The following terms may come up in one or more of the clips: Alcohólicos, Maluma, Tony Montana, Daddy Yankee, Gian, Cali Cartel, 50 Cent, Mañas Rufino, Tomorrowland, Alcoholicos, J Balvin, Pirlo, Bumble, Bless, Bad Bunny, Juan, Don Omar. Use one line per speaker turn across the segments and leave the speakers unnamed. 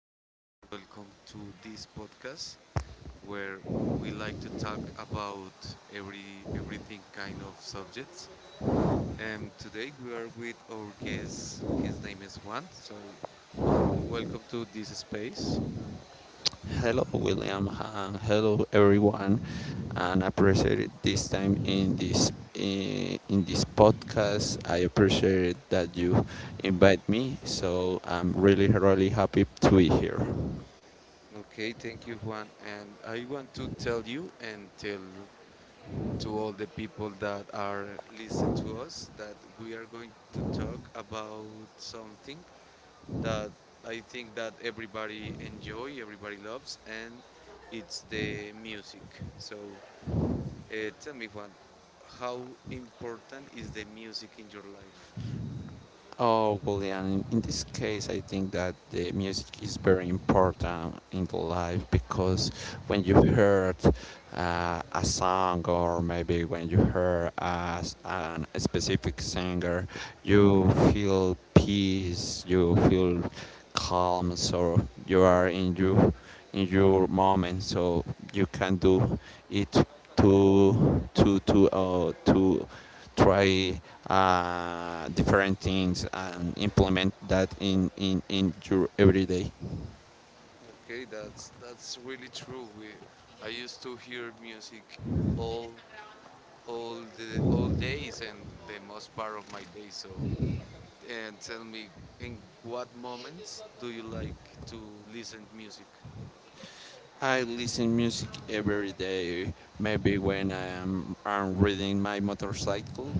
morning, and welcome to this podcast where we like to talk about everything kind of subjects. And today we are with our guest. His name is Juan. So, Juan, welcome to this space.
Hello, William, and hello, everyone. And I appreciate this time in this podcast. I appreciate that you invite me. So I'm really, really happy to be here.
Okay, thank you, Juan. And I want to tell you and tell to all the people that are listening to us that we are going to talk about something that I think that everybody enjoy, everybody loves, and it's the music. So tell me, Juan, how important is the music in your life?
Oh, well, yeah, in this case, I think that the music is very important in the life because when you heard a song or maybe when you heard a specific singer, you feel peace, you feel calm, so you are in your moment, so you can do it to try different things and implement that in your everyday.
Okay, that's really true. I used to hear music all all the all days and the most part of my day. So, and tell me, in what moments do you like to listen music?
I listen music every day. Maybe when I'm riding my motorcycle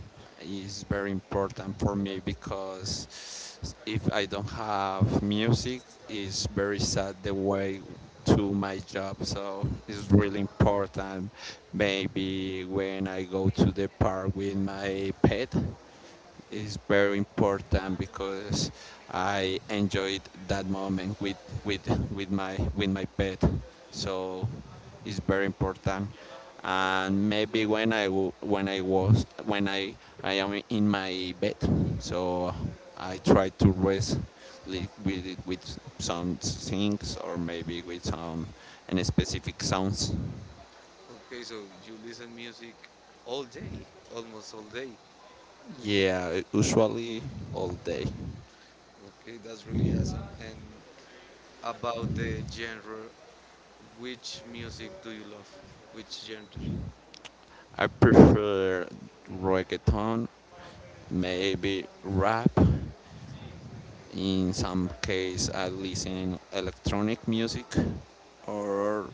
is very important for me because if I don't have music, it's very sad the way to my job. So it's really important. Maybe when I go to the park with my pet, is very important because I enjoyed that moment with with my pet. So it's very important. And maybe when I am in my bed, so I try to rest with some things or maybe with some and specific sounds.
Okay, so you listen music all day, almost all day.
Yeah, usually all day.
Okay, that's really awesome. And about the genre, which music do you love? Which genre?
I prefer reggaeton maybe rap. In some case, I listen electronic music. Or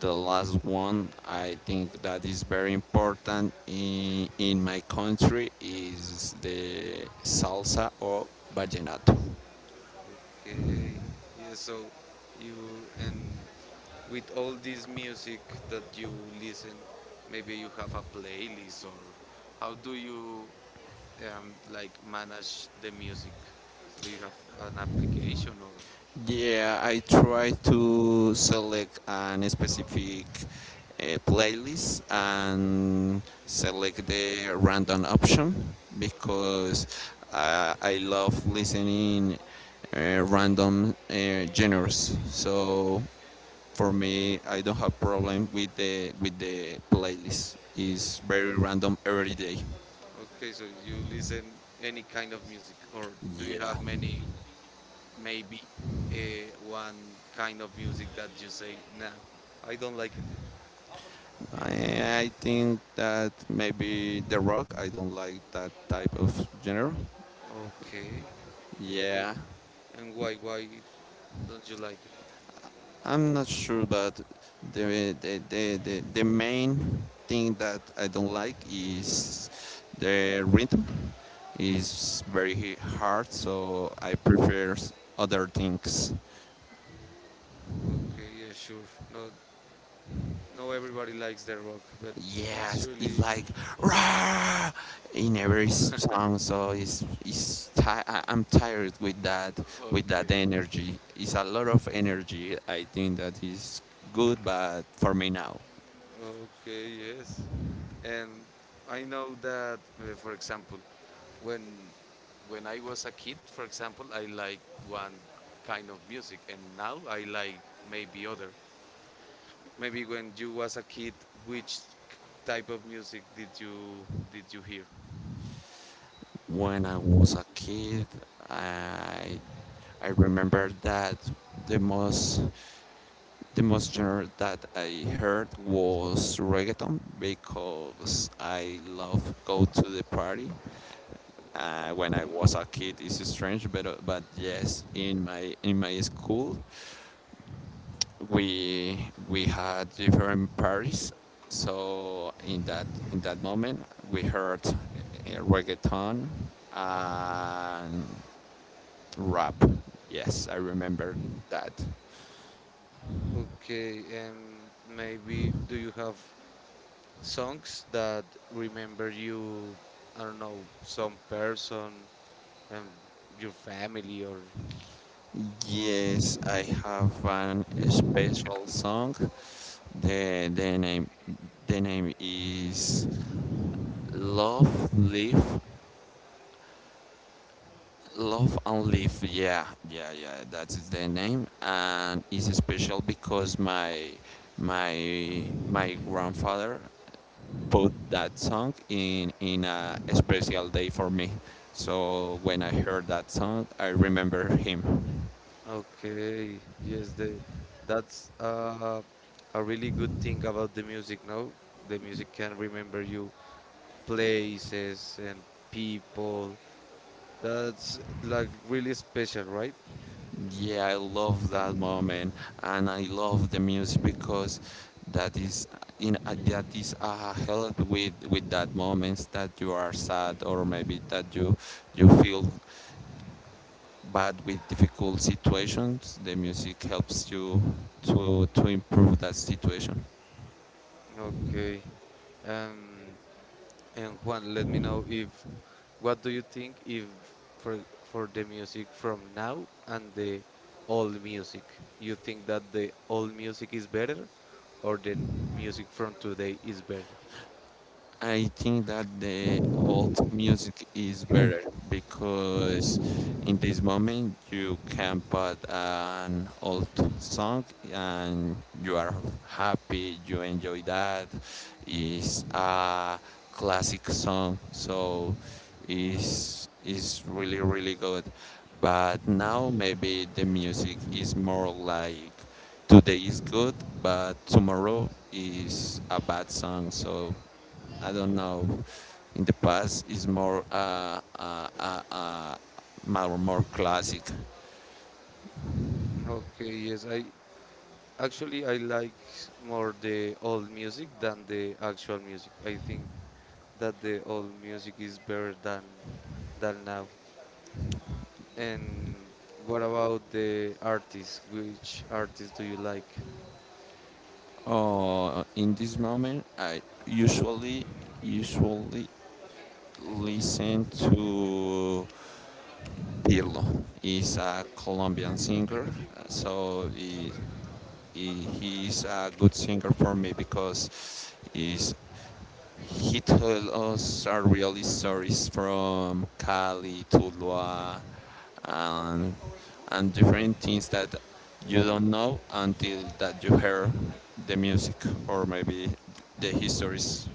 the last one, I think that is very important in my country is the salsa or vallenato.
Okay. Yeah, so you and with all this music that you listen, maybe you have a playlist or how do you like manage the music? Do you have an application or
Yeah, I try to select an specific playlist and select the random option because I love listening random genres. So for me, I don't have problem with the playlist. It's very random every day.
okay, so you listen any kind of music, or do you
Yeah.
have many, maybe, one kind of music that you say, no, I don't like it.
I think that maybe the rock. I don't like that type of genre.
Okay, okay,
Yeah,
and why don't you like it?
I'm not sure, but the main thing that I don't like is the rhythm is very hard, so I prefer other things.
Okay, yeah, sure. No, no, everybody likes the rock, but that's
Yes, it's
really
like rah in every song. So I'm tired with that
okay.
energy. It's a lot of energy. I think that is good, but for me now,
Okay, yes. And I know that, for example, when when I was a kid, for example, I like one kind of music, and now I like maybe other. Maybe when you was a kid, which type of music did you hear?
when I was a kid, I I remember that the most the most genre that I heard was reggaeton because I love go to the party when I was a kid. It's strange, but yes, in my school, we we had different parties. So in that moment, we heard reggaeton and rap. Yes, I remember that.
Okay, and maybe do you have songs that remember you? I don't know, some person and your family or
Yes, I have an special song. The name the name is Love Live Love and Live, yeah, yeah, yeah. That is the name, and it's special because my my grandfather put that song in a special day for me. So when I heard that song, I remember him.
okay, yes, the that's a really good thing about the music now. The music can remember you places and people. That's like really special, right?
Yeah, I love that moment, and I love the music because that is in that is a help with that moments that you are sad or maybe that you feel but with difficult situations, the music helps you to improve that situation.
Okay. Um, and Juan, let me know if what do you think if for for the music from now and the old music, you think that the old music is better or the music from today is better?
I think that the old music is better because in this moment you can put an old song and you are happy, you enjoy that. It's a classic song, so it's really, really good. But now maybe the music is more like today is good, but tomorrow is a bad song, so I don't know. In the past, is more more classic.
Okay, yes, I actually I like more the old music than the actual music. I think that the old music is better than now. And what about the artists? Which artists do you like?
Oh, in this moment, I usually listen to Pirlo. He's a Colombian singer, so he a good singer for me because He told us our really stories from Cali, Tuluá, and, and different things that you don't know until that you hear the music or maybe the histories.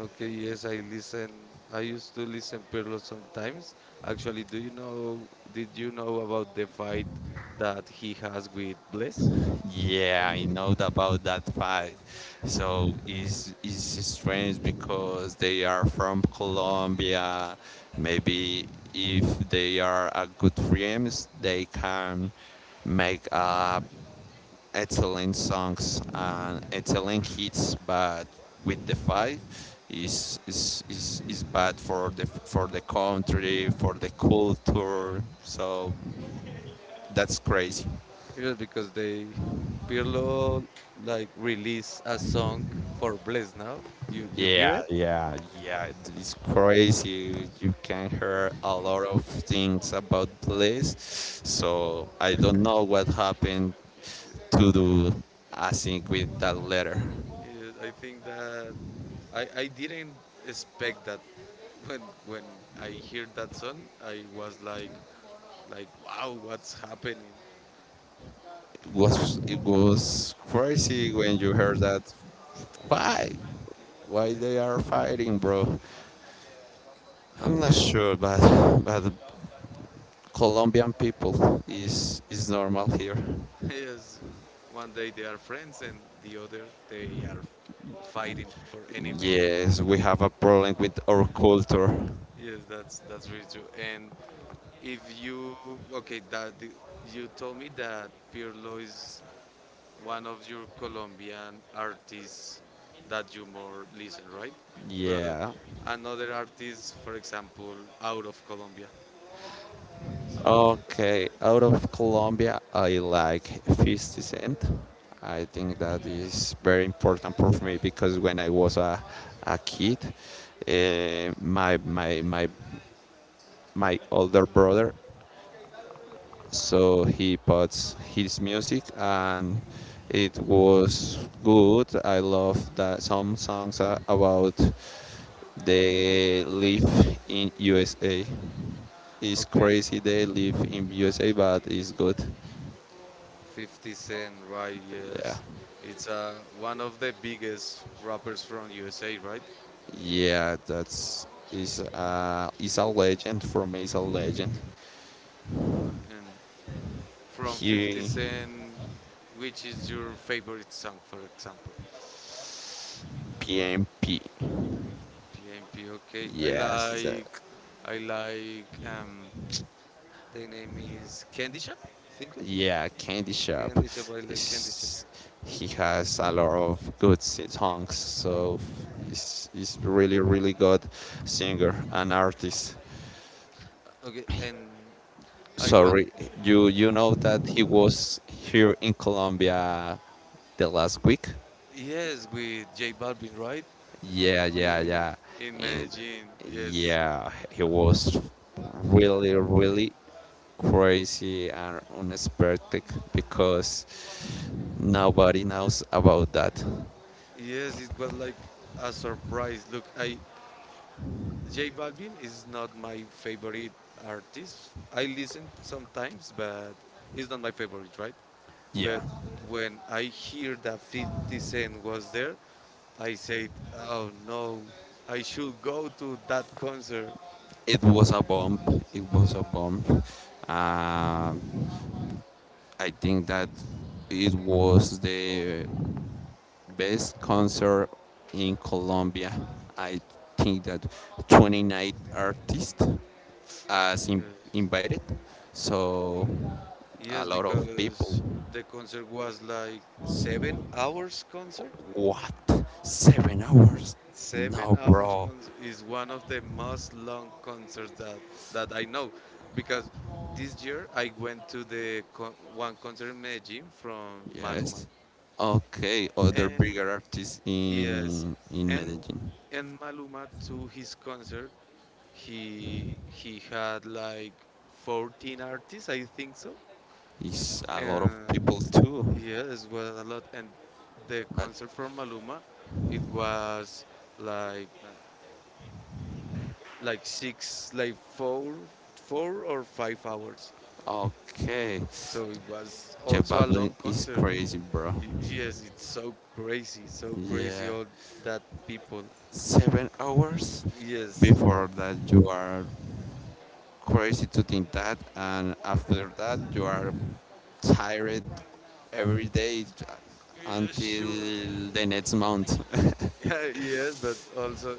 Okay, yes, I listen. I used to listen Perlo sometimes. Actually, do you know? Did you know about the fight that he has with Bless?
Yeah, I know about that fight. So it's strange because they are from Colombia. Maybe if they are a good friends, they can make a excellent songs and excellent hits, but with the fight is bad for the country, for the culture. So that's crazy.
Yes, because they Pirlo like released a song for Bless now. You hear
Yeah,
it?
yeah, yeah. It's crazy. You can hear a lot of things about police. So I don't know what happened to do. I think with that letter.
Yes, I think that I didn't expect that when when I hear that song I was like wow, what's happening?
It was crazy when you heard that why why they are fighting, bro. I'm not
Okay.
sure, but the Colombian people is normal here.
Yes. One day they are friends and the other they are fighting for anything.
Yes, we have a problem with our culture.
Yes, that's really true. And if you okay, that the- you told me that Pirlo is one of your Colombian artists that you more listen, right? But
Yeah.
another artist, for example, out of Colombia.
Okay, out of Colombia, I like 50 cent. I think that is very important for me because when I was a kid, uh, my my my my older brother, so he puts his music and it was good. I love that some songs are about they live in USA. It's
Okay.
crazy they live in USA, but it's good.
50 Cent, right?
Yeah,
Yes, it's one of the biggest rappers from USA, right?
yeah, that's is a legend for me. Is a legend.
And from 50
He
Cent, which is your favorite song, for example?
PMP.
PMP, okay. I
Yes, that
like, I like, the name is Candy Shop, I think so.
yeah, Candy Shop.
Candy Shop, I like Candy Shop.
It's, he has a lot of good songs, so he's really really good singer and artist.
Okay, I want,
Sorry, you know that he was here in Colombia the last week.
yes, with J Balvin, right?
Yeah, yeah,
In,
yeah,
in
and
Medellin, yes.
yeah, he was really really crazy and unexpected because nobody knows about that.
Yes, it was like a surprise. Look, J Balvin is not my favorite artist. I listen sometimes, but it's not my favorite, right?
Yeah.
But when I hear that 50 Cent was there, I said, oh no, I should go to that concert.
It was a bump. It was a bump. I think that it was the best concert in Colombia. I think that 29 artists as in-
Yes,
invited, so a
yes,
lot of people.
because the concert was like 7 hours concert.
What? 7 hours?
Seven
No,
hours
bro.
is one of the most long concerts that I know, because this year I went to the one concert in Medellin from Maluma.
Yes. Okay, other
And
bigger artists
yes,
in
and
Medellin.
and Maluma to his concert, he had like 14 artists, I think so.
Is a lot of people
And
too.
yes, it was a lot. And the
But
concert from Maluma, it was like like 4 or 5 hours.
okay,
So it was
Jeff
also a
Baldwin
long
is
concert.
crazy, bro.
Yes, it's so crazy
Yeah,
all that people.
7 hours
Yes,
before that you are crazy to think that, and after that you are tired every day
yeah,
until
sure.
the next month.
Yeah, yes, but also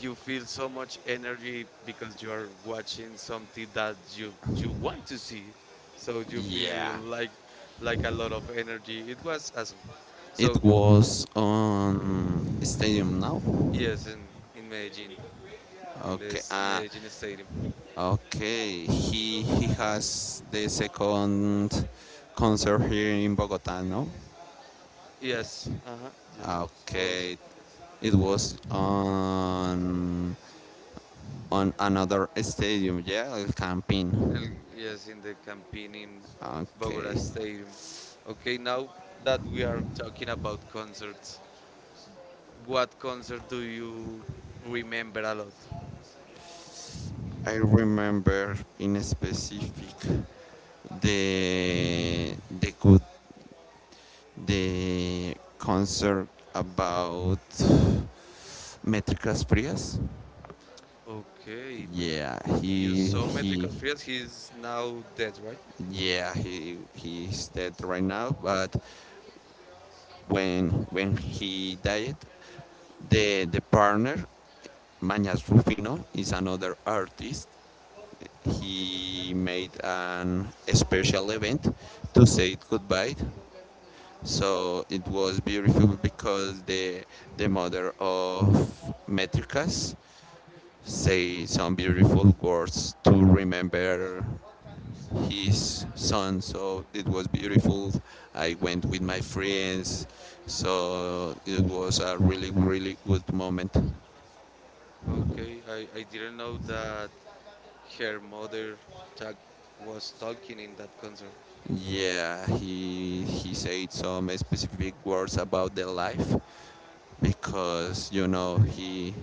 you feel so much energy because you are watching something that you want to see. So you feel
Yeah,
like a lot of energy. It was awesome.
it
So
was on Stadium Now.
yes, in Medellin. In
Okay,
this Medellin stadium.
okay, he has the second concert here in Bogota, no?
Yes, uh-huh. Yes. Well,
Okay, it was on another stadium, yeah, El Campín.
yes, in the campaign in Bogota
Okay,
stadium. Okay, now that we are talking about concerts, what concert do you remember a lot?
I remember in specific the good the concert about métricas frías.
Okay,
Yeah,
you saw Metrical
he
Frias. He's now dead, right?
yeah, he's dead right now. But when he died, the partner, Mañas Rufino, is another artist. He made an special event to say goodbye. So it was beautiful because the mother of Metricas say some beautiful words to remember his son. So it was beautiful. I went with my friends. So it was a really, really good moment.
Okay, I didn't know that her mother tag was talking in that concert.
Yeah, he said some specific words about the life because you know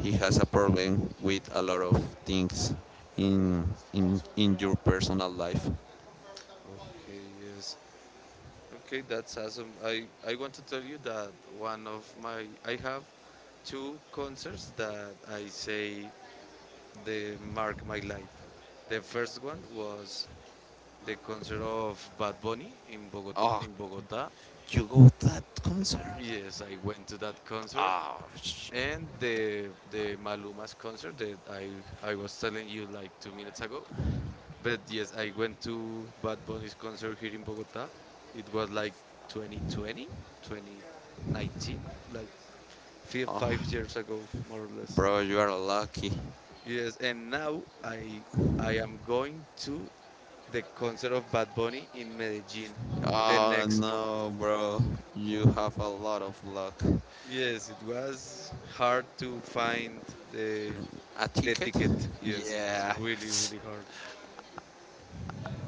he has a problem with a lot of things in your personal life.
Okay, yes. Okay, that's awesome. I want to tell you that one of my I have two concerts that I say they mark my life. The first one was the concert of Bad Bunny in Bogot
Oh,
In Bogota,
you go to that concert?
yes, I went to that concert,
Oh, sh-
and the Maluma's concert that I was telling you like 2 minutes ago. But yes, I went to Bad Bunny's concert here in Bogota. It was like 2020, 2019, like five
oh,
years ago, more or less.
bro, you are lucky.
Yes, and now I am going to the concert of Bad Bunny in Medellin the
Oh
next month.
no, bro. You have a lot of luck.
Yes, it was hard to find the
A
the
ticket?
ticket. Yes, it was
Yeah.
really really hard.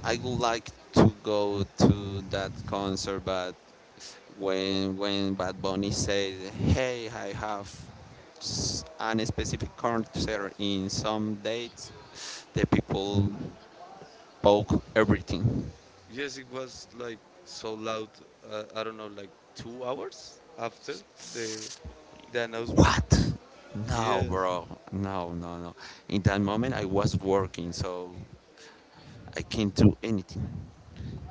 I would like to go to that concert, but when Bad Bunny said, "Hey, I have an specific concert in some dates," the people broke everything.
Yes, it was like so loud. I don't know, like 2 hours after the the announcement.
What? No,
Yes,
bro. No, no, no. In that moment, I was working, so I can't do anything.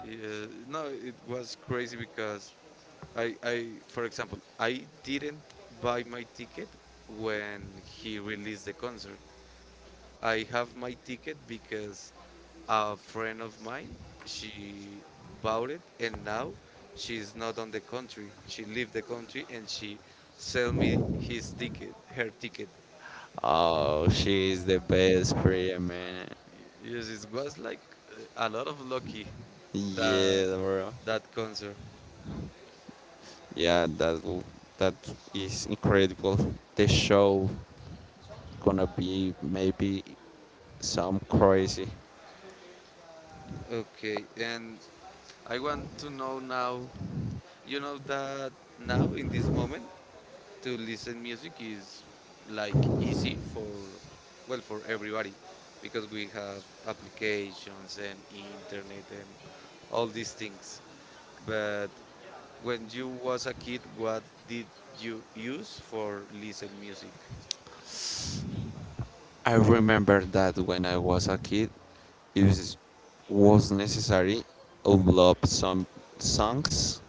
yeah. No, it was crazy because for example, I didn't buy my ticket when he released the concert. I have my ticket because a friend of mine she bought it and now she's not on the country. She left the country and she sell me his ticket, her ticket.
Oh, she's the best prayer, man.
Yes, it was like a lot of lucky that
Yeah, bro.
that concert.
Yeah, that w- that is incredible. The show gonna be maybe some crazy.
Okay, and I want to know now. You know that now in this moment to listen music is like easy for well for everybody because we have applications and internet and all these things, but when you was a kid what did you use for listen music?
I remember that when I was a kid, it was, was necessary upload some songs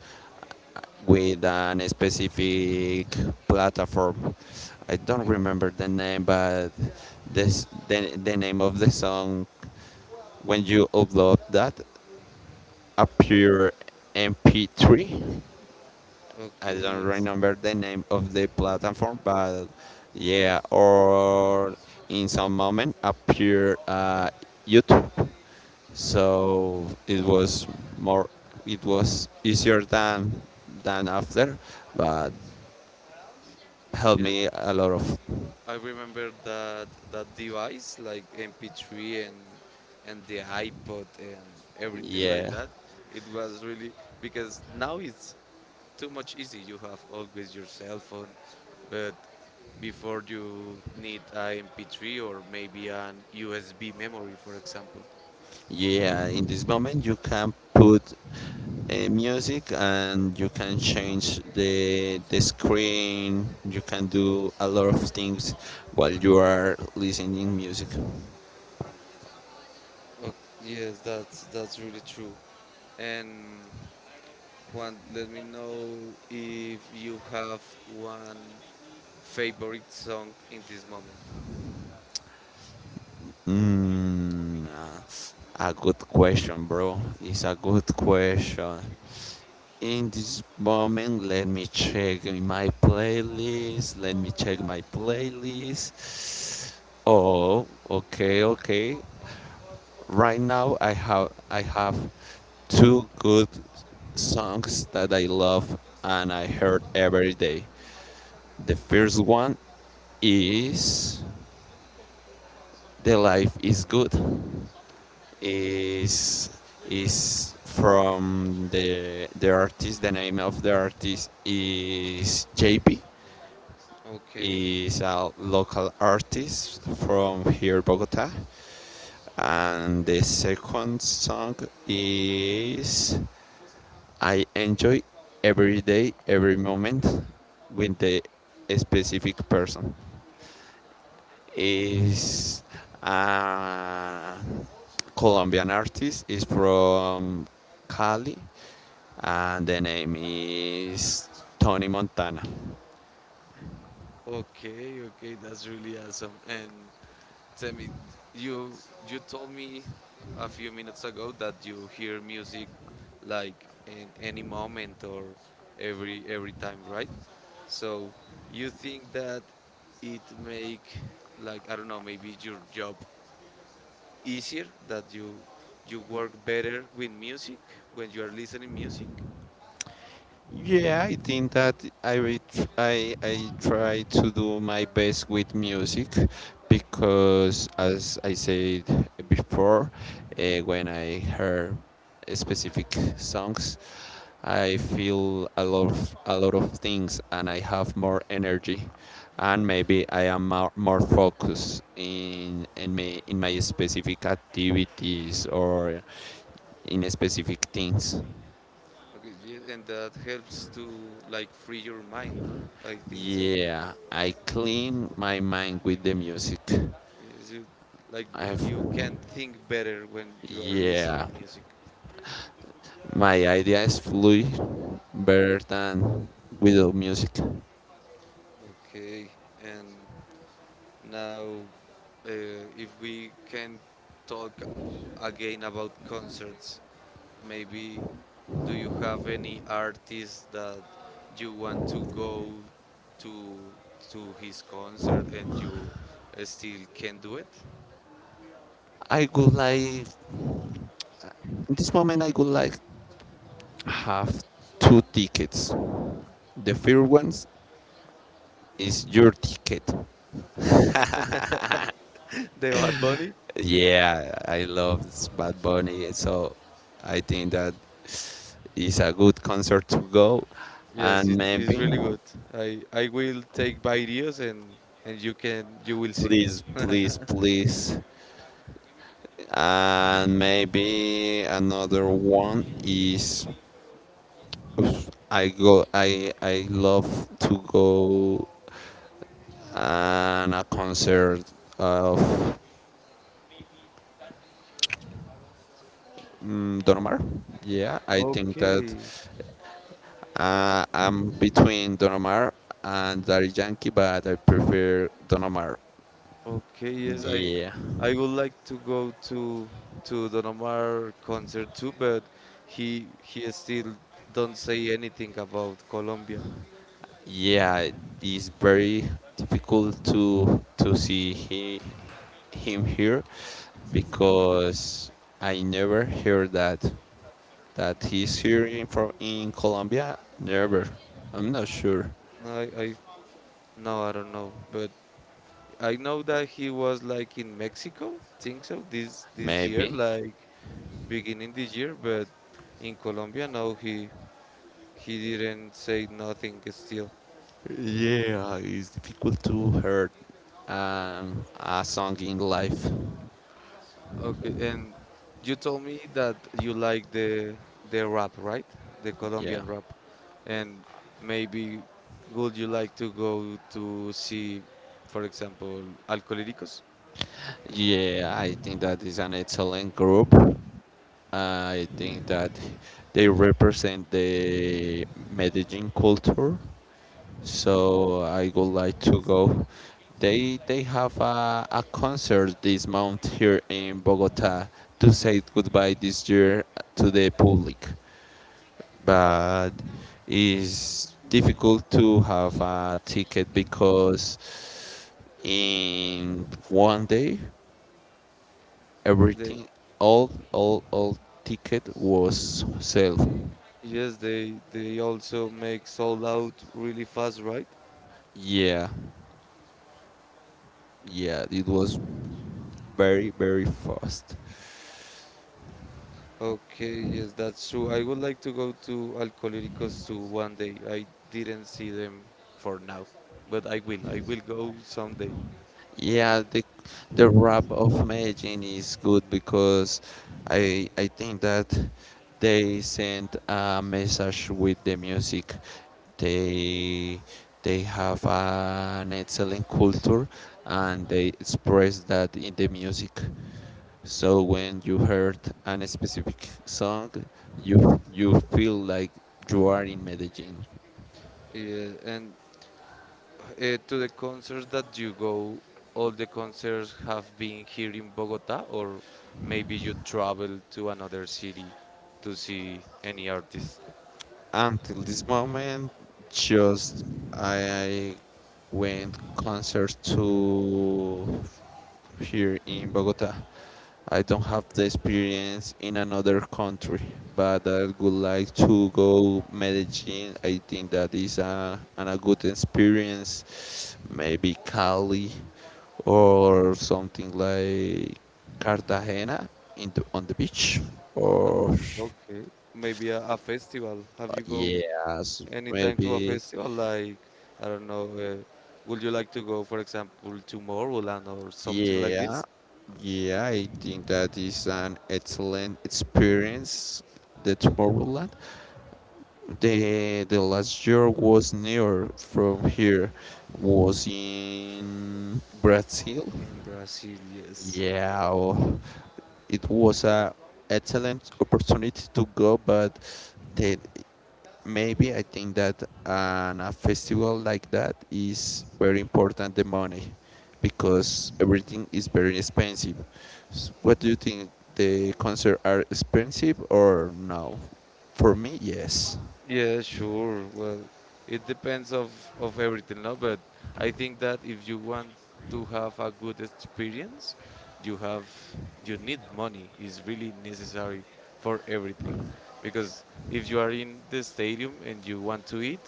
with an specific platform. I don't remember the name, but this the name of the song when you upload that appear MP3. I
Okay,
don't
yes,
remember the name of the platform, but yeah or in some moment appear youtube, so it was more it was easier than after but helped
yes,
me a lot of.
I remember that device like MP3 and the iPod and everything like
Yeah.
that. It was really, because now it's too much easy. You have always your cell phone, but before you need a MP3 or maybe an USB memory, for example.
Yeah, in this moment you can put music and you can change the screen. You can do a lot of things while you are listening music.
Oh, yes, that's really true. And Juan, let me know if you have one favorite song in this moment.
Mm, uh, a good question, bro. It's a good question. In this moment, let me check in my playlist. Let me check my playlist. Oh, okay, okay. Right now, I have 2 good songs that I love and I heard every day. The first one is "The Life Is Good." is is from the artist. The name of the artist is JP.
Okay,
Is a local artist from here, Bogota. And the second song is I enjoy every day, every moment with the specific person. Is a Colombian artist. Is from Cali, and the name is Tony Montana.
okay, okay. That's really awesome. And tell me, you you told me a few minutes ago that you hear music like in any moment or every time, right? So you think that it make like I don't know, maybe your job easier, that you work better with music when you are listening music.
Yeah, I think that I re- tr- I try to do my best with music because, as I said before, when I hear specific songs, I feel a lot of things, and I have more energy, and maybe I am more focused in my specific activities or in specific things.
Okay, yeah, and that helps to like free your mind, no? I think so.
Yeah, I clean my mind with the music.
Is you like
I've,
You can think better when you are
yeah,
listening music.
my ideas flew better than without music.
Okay, and now if we can talk again about concerts, maybe do you have any artist that you want to go to to his concert and you still can do it?
I would like, in this moment, I would like have 2 tickets. The first one is your ticket.
The Bad Bunny?
Yeah, I love this Bad Bunny, so I think that is a good concert to go,
Yes,
and
it is
maybe
really good. I will take videos and you will see.
please, please, please. And maybe another one is I love to go and a concert of Don Omar. Yeah, I think that
Okay,
I'm between Don Omar and Daddy Yankee, but I prefer Don Omar.
okay, yes, I
Yeah.
I would like to go to Don Omar concert too, but he still don't say anything about Colombia.
Yeah, it is very difficult to see he, him here because I never hear that he's here in from in Colombia. Never. I'm not sure.
I No, I don't know, but I know that he was like in Mexico, think so, this year,
Maybe.
like beginning this year, but in Colombia, no, he didn't say nothing still.
Yeah, it's difficult to hear a song in life.
Okay, and you told me that you like the rap, right? The
Yeah.
Colombian rap. And maybe would you like to go to see, for example, Alcohólicos?
Yeah, I think that is an excellent group. I think that they represent the Medellin culture, so I would like to go. They have a concert this month here in Bogota to say goodbye this year to the public, but it's difficult to have a ticket because in one day
They
everything all ticket was sold.
Yes, they also make sold out really fast, right?
Yeah, yeah, it was very, very fast.
Okay, yes, that's true. I would like to go to Alcohólicos too one day. I didn't see them for now, but I will. I will go someday.
Yeah, the rap of Medellin is good because I think that they sent a message with the music. They they have an excellent culture and they express that in the music. So when you heard an specific song, you feel like you are in Medellin.
Yeah, and to the concerts that you go, all the concerts have been here in Bogota, or maybe you travel to another city to see any artist?
Until this moment just I went concerts to here in Bogota. I don't have the experience in another country, but I would like to go Medellin. I think that is a, an, a good experience. Maybe Cali or something like Cartagena in the, on the beach
Oh,
or
okay. Maybe a festival. Have you go
yes,
anytime to a
maybe.
festival? Like, I don't know, would you like to go, for example, to Tomorrowland or something like
Yeah,
this?
yeah, I think that is an excellent experience. The Tomorrowland. The last year was near from here, was in Brazil.
In Brazil, yes.
Yeah, oh, it was a excellent opportunity to go, but the maybe I think that on a festival like that is very important the money because everything is very expensive. S- What do you think? The concert are expensive or no? For me, yes.
Yeah, sure. Well, it depends of everything, no? But I think that if you want to have a good experience, you have you need money. It's really necessary for everything, because if you are in the stadium and you want to eat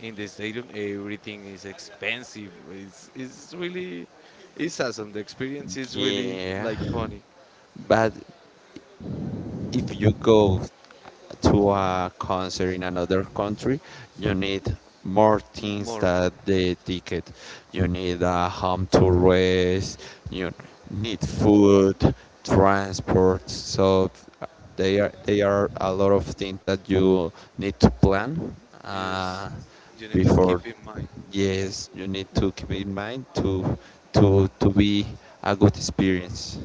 in the stadium, everything is expensive. It's really it's awesome. The experience is really
Yeah,
like funny.
but if you go to a concert in another country, you need more things
More, more.
than the ticket. You need a home to rest, you need food, transport. So uh, they are a lot of things that you need to plan
Yes,
uh,
you need to
before.
keep in mind.
Yes, you need to keep in mind to to be a good experience.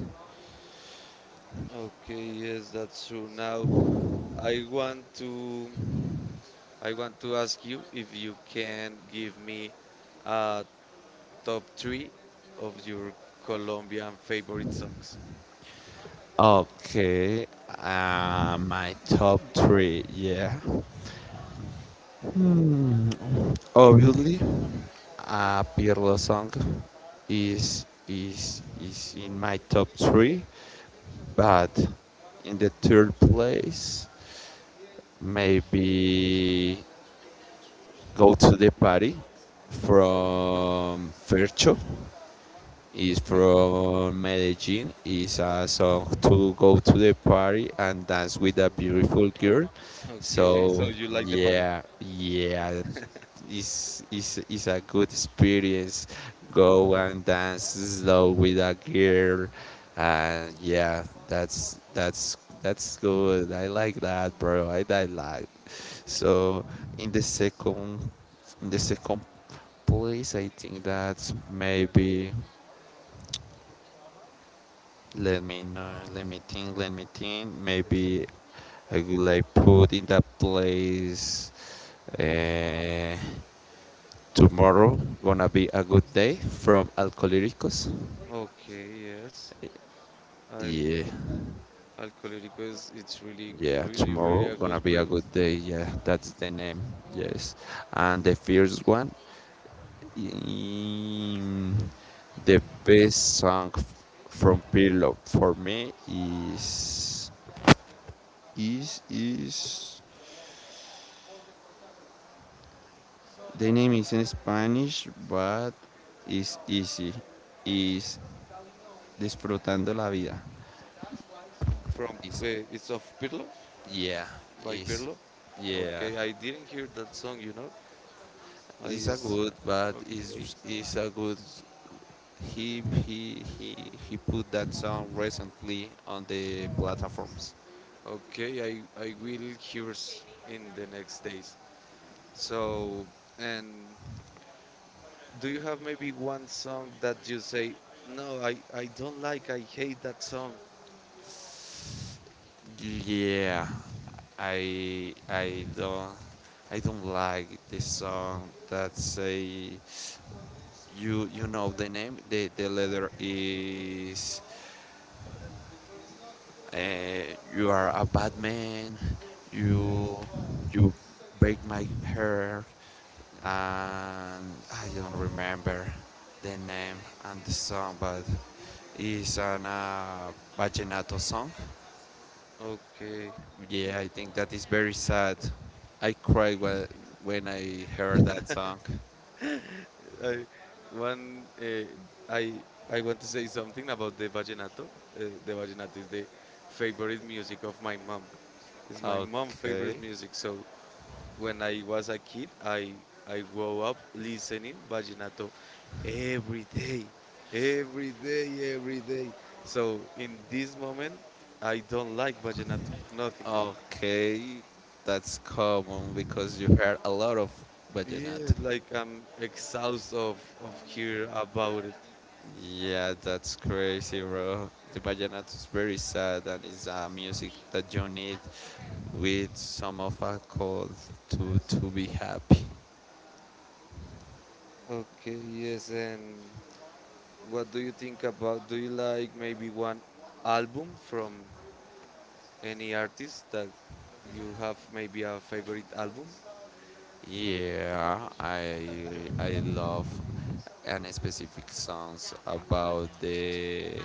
Okay, yes, that's true. Now I want to I want to ask you if you can give me a top three of your Colombian favorite songs.
Okay, my top three, yeah. Obviously, Pirlo song is in my top three, but in the third place, maybe go to the party from Fercho. Is
Okay.
from Medellin. It's a song to go to the party and dance with a beautiful girl.
Okay. So
So
you like the party.
yeah, yeah, it's a good experience. Go and dance slow with a girl, and yeah, that's good. I like that, bro. I like. So in the second, in the second place, I think that's maybe. Let me know. Let me think. Let me think. Maybe I will like put in that place uh, tomorrow. Gonna be a good day from Alcoholicos.
Okay, yes. I
Yeah,
Alcohólico is it's really
yeah.
really really
Tomorrow
a good
gonna be a
group
good day. Yeah, that's the name. Yes, and the first one, mm, the best song f- from Pirlo for me is. The name is in Spanish, but it's easy. Is disfrutando la vida.
from
Is
it's of Pirlo
yeah.
by
Is
Pirlo.
yeah.
Okay, I didn't hear that song. I
It's a
is
good, but
Okay.
is a good. He he he he put that song recently on the platforms.
Okay, I will hear in the next days. So, and do you have maybe one song that you say, no, I don't like, I hate that song?
Yeah, I I don't I don't like this song that say you you know the name the letter is uh, you are a bad man, you you break my hair, and I don't remember the name and the song, but it's an vallenato song.
Okay.
Yeah, I think that is very sad. I cried when I heard that song.
I, one, uh, I, I want to say something about the vallenato. The vallenato is the favorite music of my mom. It's my mom'
Okay,
favorite music, so when I was a kid, I grew up listening vaginato every day, every day, every day. So in this moment, I don't like vaginato, nothing.
okay, that's common because you heard a lot of
Yeah,
vallenato.
like I'm exhausted of hear about it.
Yeah, that's crazy, bro. The vallenato is very sad and it's a music that you need with some of a cold to be happy.
Okay, yes, and what do you think about? Do you like maybe one album from any artist that you have maybe a favorite album?
Yeah, I love and specific songs about the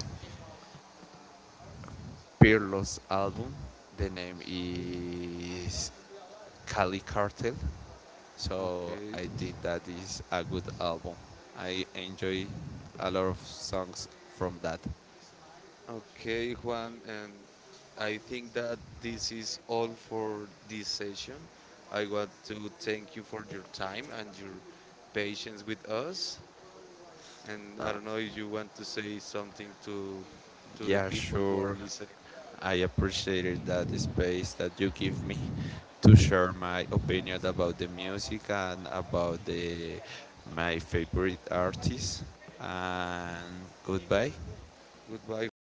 Pirlo's album. The name is Cali Cartel. So
Okay.
I think that is a good album. I enjoy a lot of songs from that.
Okay, Juan, and I think that this is all for this session. I want to thank you for your time and your patience with us. And I don't know if you want to say something to the
Yeah,
people who are
sure.
listening.
I appreciated that space that you give me to share my opinion about the music and about the my favorite artists. And goodbye.
Goodbye, Juan.